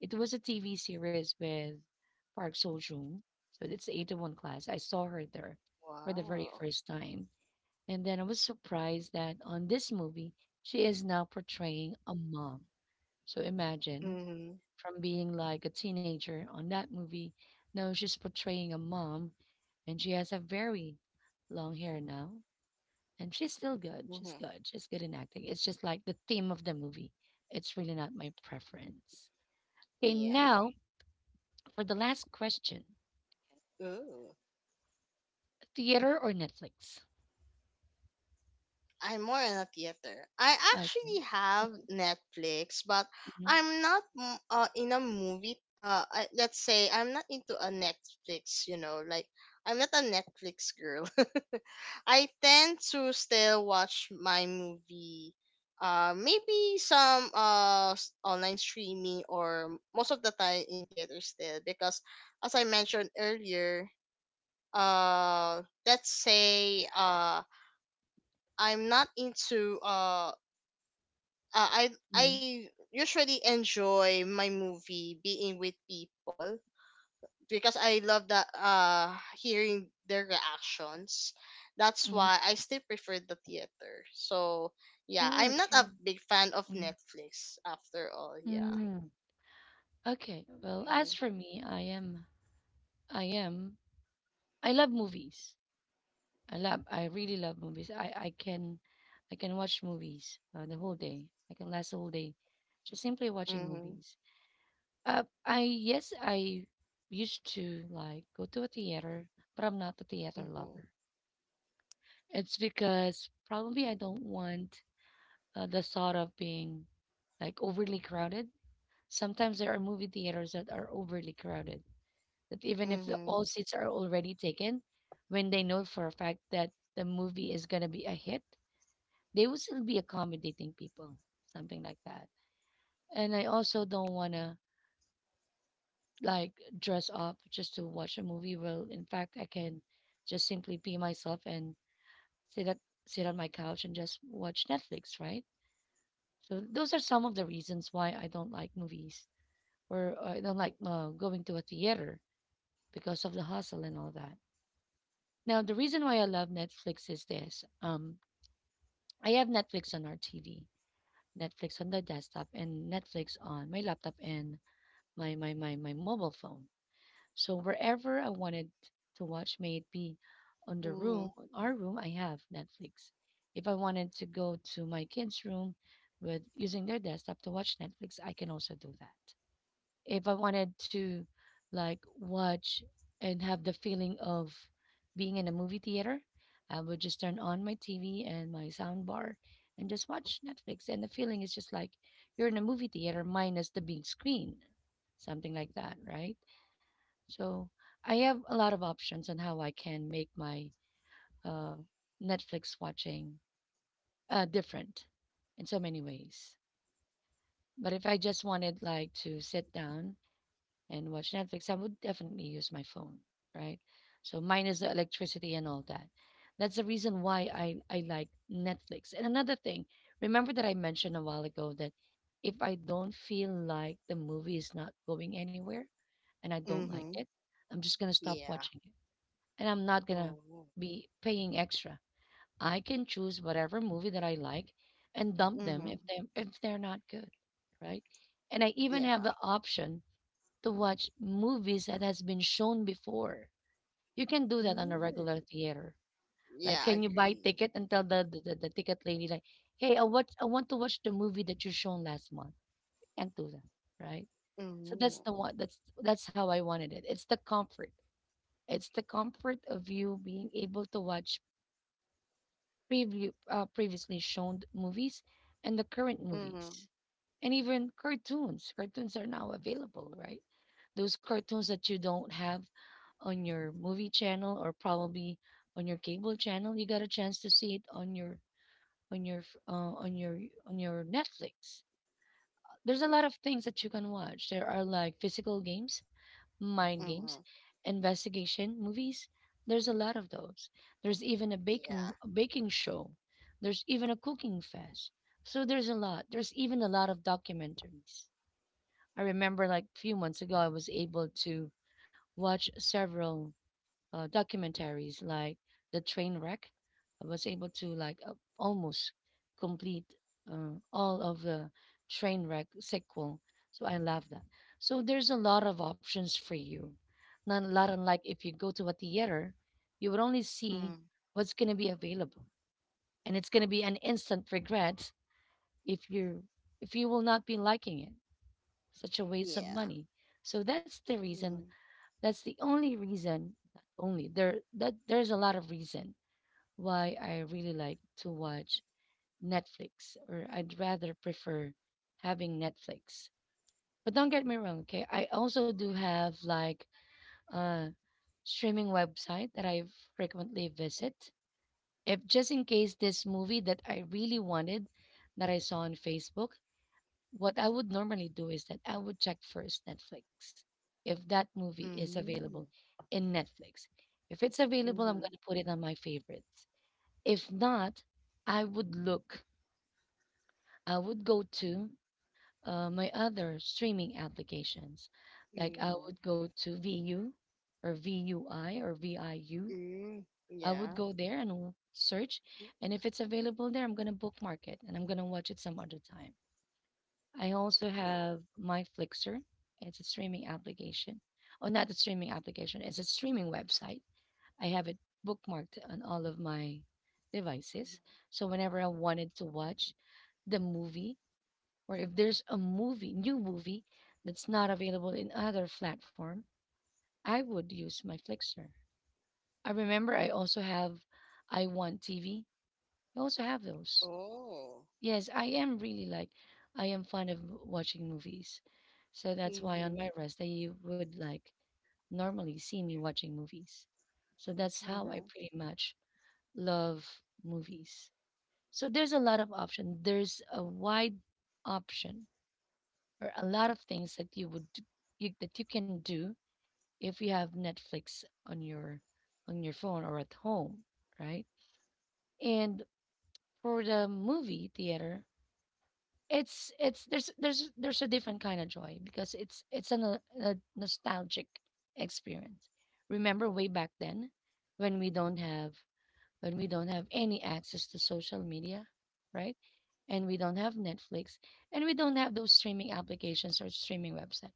It was a TV series with Park Seo Joon. So it's the 801 class. I saw her there for the very Wow. first time. And then I was surprised that on this movie, she is now portraying a mom. So imagine Mm-hmm. from being like a teenager on that movie, now she's portraying a mom and she has a very long hair now. And she's still good. She's Mm-hmm. good. She's good in acting. It's just like the theme of the movie. It's really not my preference. Okay, Yeah. now for the last question, Ooh. theater or Netflix? I'm more in a theater. I Okay. actually have Netflix, but Mhm, I'm not in a movie. Let's say I'm not into a Netflix. You know, like, I'm not a Netflix girl. I tend to still watch my movie. Maybe some online streaming, or most of the time in theater still because, as I mentioned earlier, let's say I'm not into I mhm, usually enjoy my movie being with people because I love that hearing their reactions. That's mhm. why I still prefer the theater. So yeah, Oh, I'm not a okay. big fan of Mm, Netflix after all. Yeah. mm. Okay. Well, as Mhm. for me, I am, I love movies. I really love movies. I can watch movies the whole day. I can last the whole day, just simply watching Mhm. movies. I yes, I used to like go to a theater, but I'm not a theater lover. Mhm. It's because probably I don't want the thought of being like overly crowded. Sometimes there are movie theaters that are overly crowded, that even if all Mhm. seats are already taken, when they know for a fact that the movie is going to be a hit, they will still be accommodating people, something like that. And I also don't want to like dress up just to watch a movie. Well, in fact, I can just simply be myself and sit at, sit on my couch and just watch Netflix, right? So those are some of the reasons why I don't like movies or I don't like going to a theater because of the hustle and all that. Now, the reason why I love Netflix is this: I have Netflix on our TV, Netflix on the desktop, and Netflix on my laptop and my mobile phone. So wherever I wanted to watch, may it be Mhm. on our room, I have Netflix. If I wanted to go to my kids' room with using their desktop to watch Netflix, I can also do that. If I wanted to like watch and have the feeling of being in a movie theater, I would just turn on my TV and my sound bar and just watch Netflix. And the feeling is just like you're in a movie theater minus the big screen, something like that, right? So I have a lot of options on how I can make my uh, Netflix watching different in so many ways. But if I just wanted like to sit down and watch Netflix, I would definitely use my phone, right? So mine is the electricity and all that. That's the reason why I like Netflix. And another thing, remember that I mentioned a while ago that if I don't feel like the movie is not going anywhere and I don't like it, Mhm. I'm just going to stop Yeah. watching it. And I'm not going to Mhm. be paying extra. I can choose whatever movie that I like and dump them if Mhm. They're not good, right? And I even have the Yeah. option to watch movies that has been shown before. You can do that on a Mm. regular theater. Like, Yeah, can I you buy agree. ticket and tell the ticket lady like, hey, I want to watch the movie that you shown last month. And do that, right? So that's the Mhm. one. That's how I wanted it. It's the comfort. It's the comfort of you being able to watch previously shown movies and the current movies Mhm. and even cartoons are now available, right? Those cartoons that you don't have on your movie channel or probably on your cable channel, you got a chance to see it on your on your f- uh, on your on your Netflix. There's a lot of things that you can watch. There are like physical games, mind games, Mhm. investigation movies. There's a lot of those. There's even Yeah. a baking show. There's even a cooking fest. So there's a lot. There's even a lot of documentaries. I remember like a few months ago I was able to watch several documentaries like The Train Wreck. I was able to like almost complete all of the Train Wreck sequel. So I love that. So there's a lot of options for you. Not a lot unlike if you go to a theater, you would only see Mhm. what's going to be available, and it's going to be an instant regret if you if you will not be liking it. Such a waste of Yeah. money. So that's the reason, Mhm. that's the only reason, not only there that there's a lot of reason why I really like to watch Netflix or I'd rather prefer having Netflix. But don't get me wrong, okay? I also do have like a streaming website that I frequently visit. If just in case this movie that I really wanted that I saw on Facebook, what I would normally do is that I would check first Netflix if that movie is available Mhm. in Netflix. If it's available, I'm going to Mhm. put it on my favorites. If not, I would look, I would go to my other streaming applications. Like I would Mhm. go to VU or VUI or VIU. IU. Mhm. I would Yeah. go there and search. And if it's available there, I'm going to bookmark it and I'm going to watch it some other time. I also Oh. have my Flixer. It's a streaming application. Oh, not a streaming application. It's a streaming website. I have it bookmarked on all of my devices. Mhm. So whenever I wanted to watch the movie, or if there's a movie, new movie that's not available in other platform, I would use my Flixer. I remember I also have I Want TV. I also have those. Oh. Yes, I am really like I am fond of watching movies. So that's why on Mhm. my rest day you would like normally see me watching movies. So that's how I Mhm. pretty much love movies. So there's a lot of option. There's a wide option or a lot of things that you would that you can do if you have Netflix on your phone or at home, right? And for the movie theater, it's there's a different kind of joy because it's a, a nostalgic experience. Remember way back then when we don't have when we don't have any access to social media, right? And we don't have Netflix and we don't have those streaming applications or streaming website.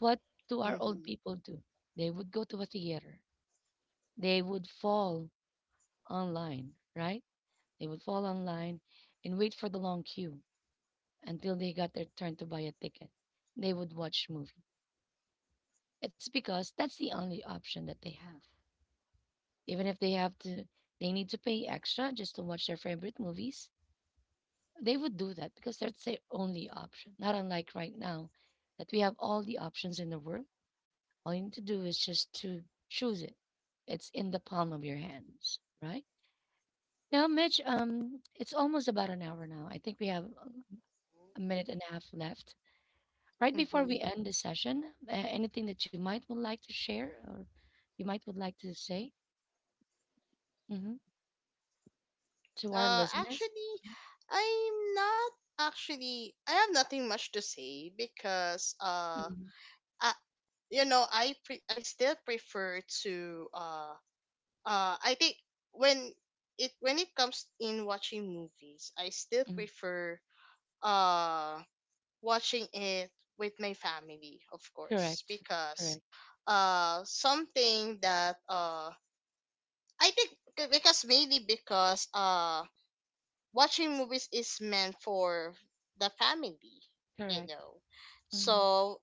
What do our old Mhm. people do? They would go to a theater. They would fall online, right? They would fall online and wait for the long queue until they got their turn to buy a ticket, they would watch movie. It's because that's the only option that they have. Even if they have to, they need to pay extra just to watch their favorite movies. They would do that because that's their only option. Not unlike right now, that we have all the options in the world. All you need to do is just to choose it. It's in the palm of your hands, right? Now, Mitch, it's almost about an hour now. I think we have a minute and a half left. Right before we Mhm. end the session, anything that you might would like to share or you might would like to say mhm, to our listeners? Actually, I'm not actually. I have nothing much to say because, Mhm, I, you know, I still prefer to I think when when it comes in watching movies, I still mhm. prefer uh watching it with my family, of course, Correct. because Correct. Something that I think, because mainly because watching movies is meant for the family, you Correct. know. Hmm. So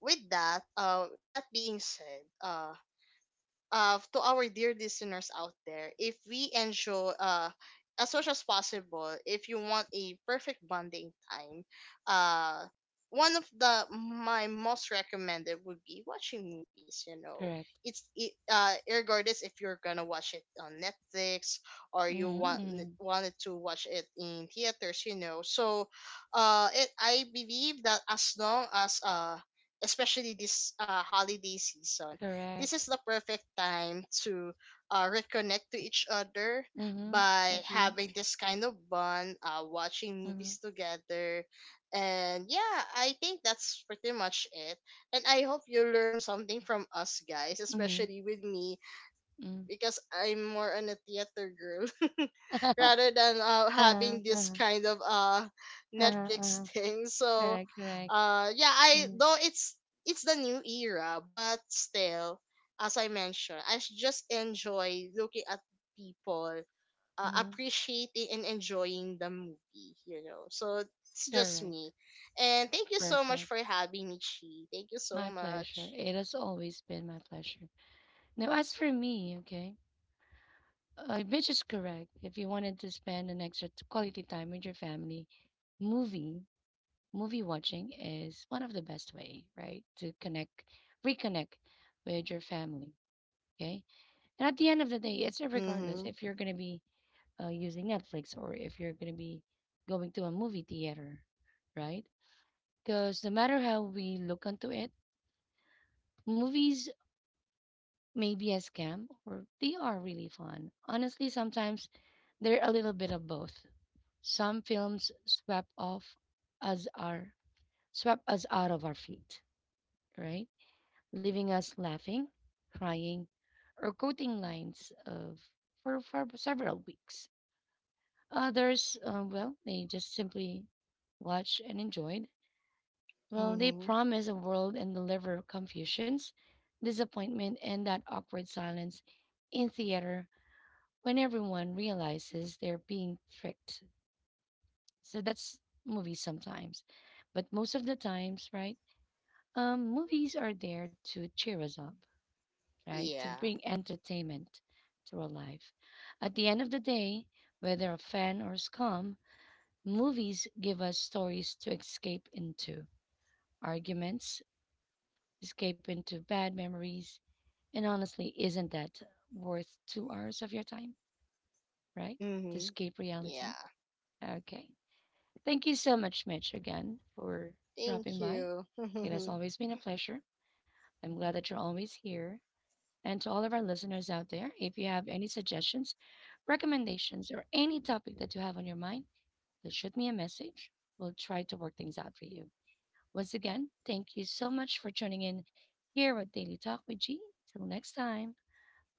with that, that being said, to our dear listeners out there, if we enjoy, as much as possible, if you want a perfect bonding time, uh, one of the my most recommended would be watching movies. You know, Correct. Regardless if you're gonna watch it on Netflix or you Mm-hmm, want mm-hmm. wanted to watch it in theaters. You know, so I believe that as long as, especially this holiday season, this is Correct. the perfect time to reconnect to each other Mm-hmm. by Agree. having this kind of bond, watching Mm-hmm. movies together. And yeah, I think that's pretty much it. And I hope you learn something from us guys, Mm-hmm. especially with me, because I'm more on a theater girl rather than Uh-huh, having this uh-huh, kind of uh-huh, Netflix uh-huh. thing. So Correct, correct. Yeah, I Mm-hmm, though it's the new era, but still, as I mentioned, just enjoy looking at people mm-hmm. appreciating and enjoying the movie, you know. So it's just Correct. me. And thank you so much Perfect. for having me, Chi. Thank you so My pleasure. much. It has always been my pleasure. Now, as for me, okay, which is correct. If you wanted to spend an extra quality time with your family, movie movie watching is one of the best way, right? To connect, reconnect with your family. Okay, and at the end of the day, it's regardless Mhm. if you're gonna be using Netflix or if you're gonna be going to a movie theater, right? Because no matter how we look onto it, movies may be a scam or they are really fun. Honestly, sometimes they're a little bit of both. Some films us our swept us out of our feet, right? Leaving us laughing, crying, or quoting lines of for several weeks. Others, well, they just simply watched and enjoyed. Well, they Mhm. promise a world and deliver confusions, disappointment, and that awkward silence in theater when everyone realizes they're being tricked. So that's movies sometimes. But most of the times, right? Movies are there to cheer us up, right? To Yeah. bring entertainment to our life. At the end of the day, whether a fan or scum, movies give us stories to escape into arguments, escape into bad memories, and honestly, isn't that worth 2 hours of your time, right? To Mhm. escape reality. Yeah. Okay. Thank you so much, Mitch, again for Thank dropping by. you. It has always been a pleasure. I'm glad that you're always here. And to all of our listeners out there, if you have any suggestions, recommendations, or any topic that you have on your mind, just shoot me a message. We'll try to work things out for you. Once again, thank you so much for tuning in here at Daily Talk with G. Till next time,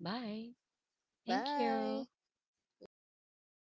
bye. Thank Bye. you. Yeah.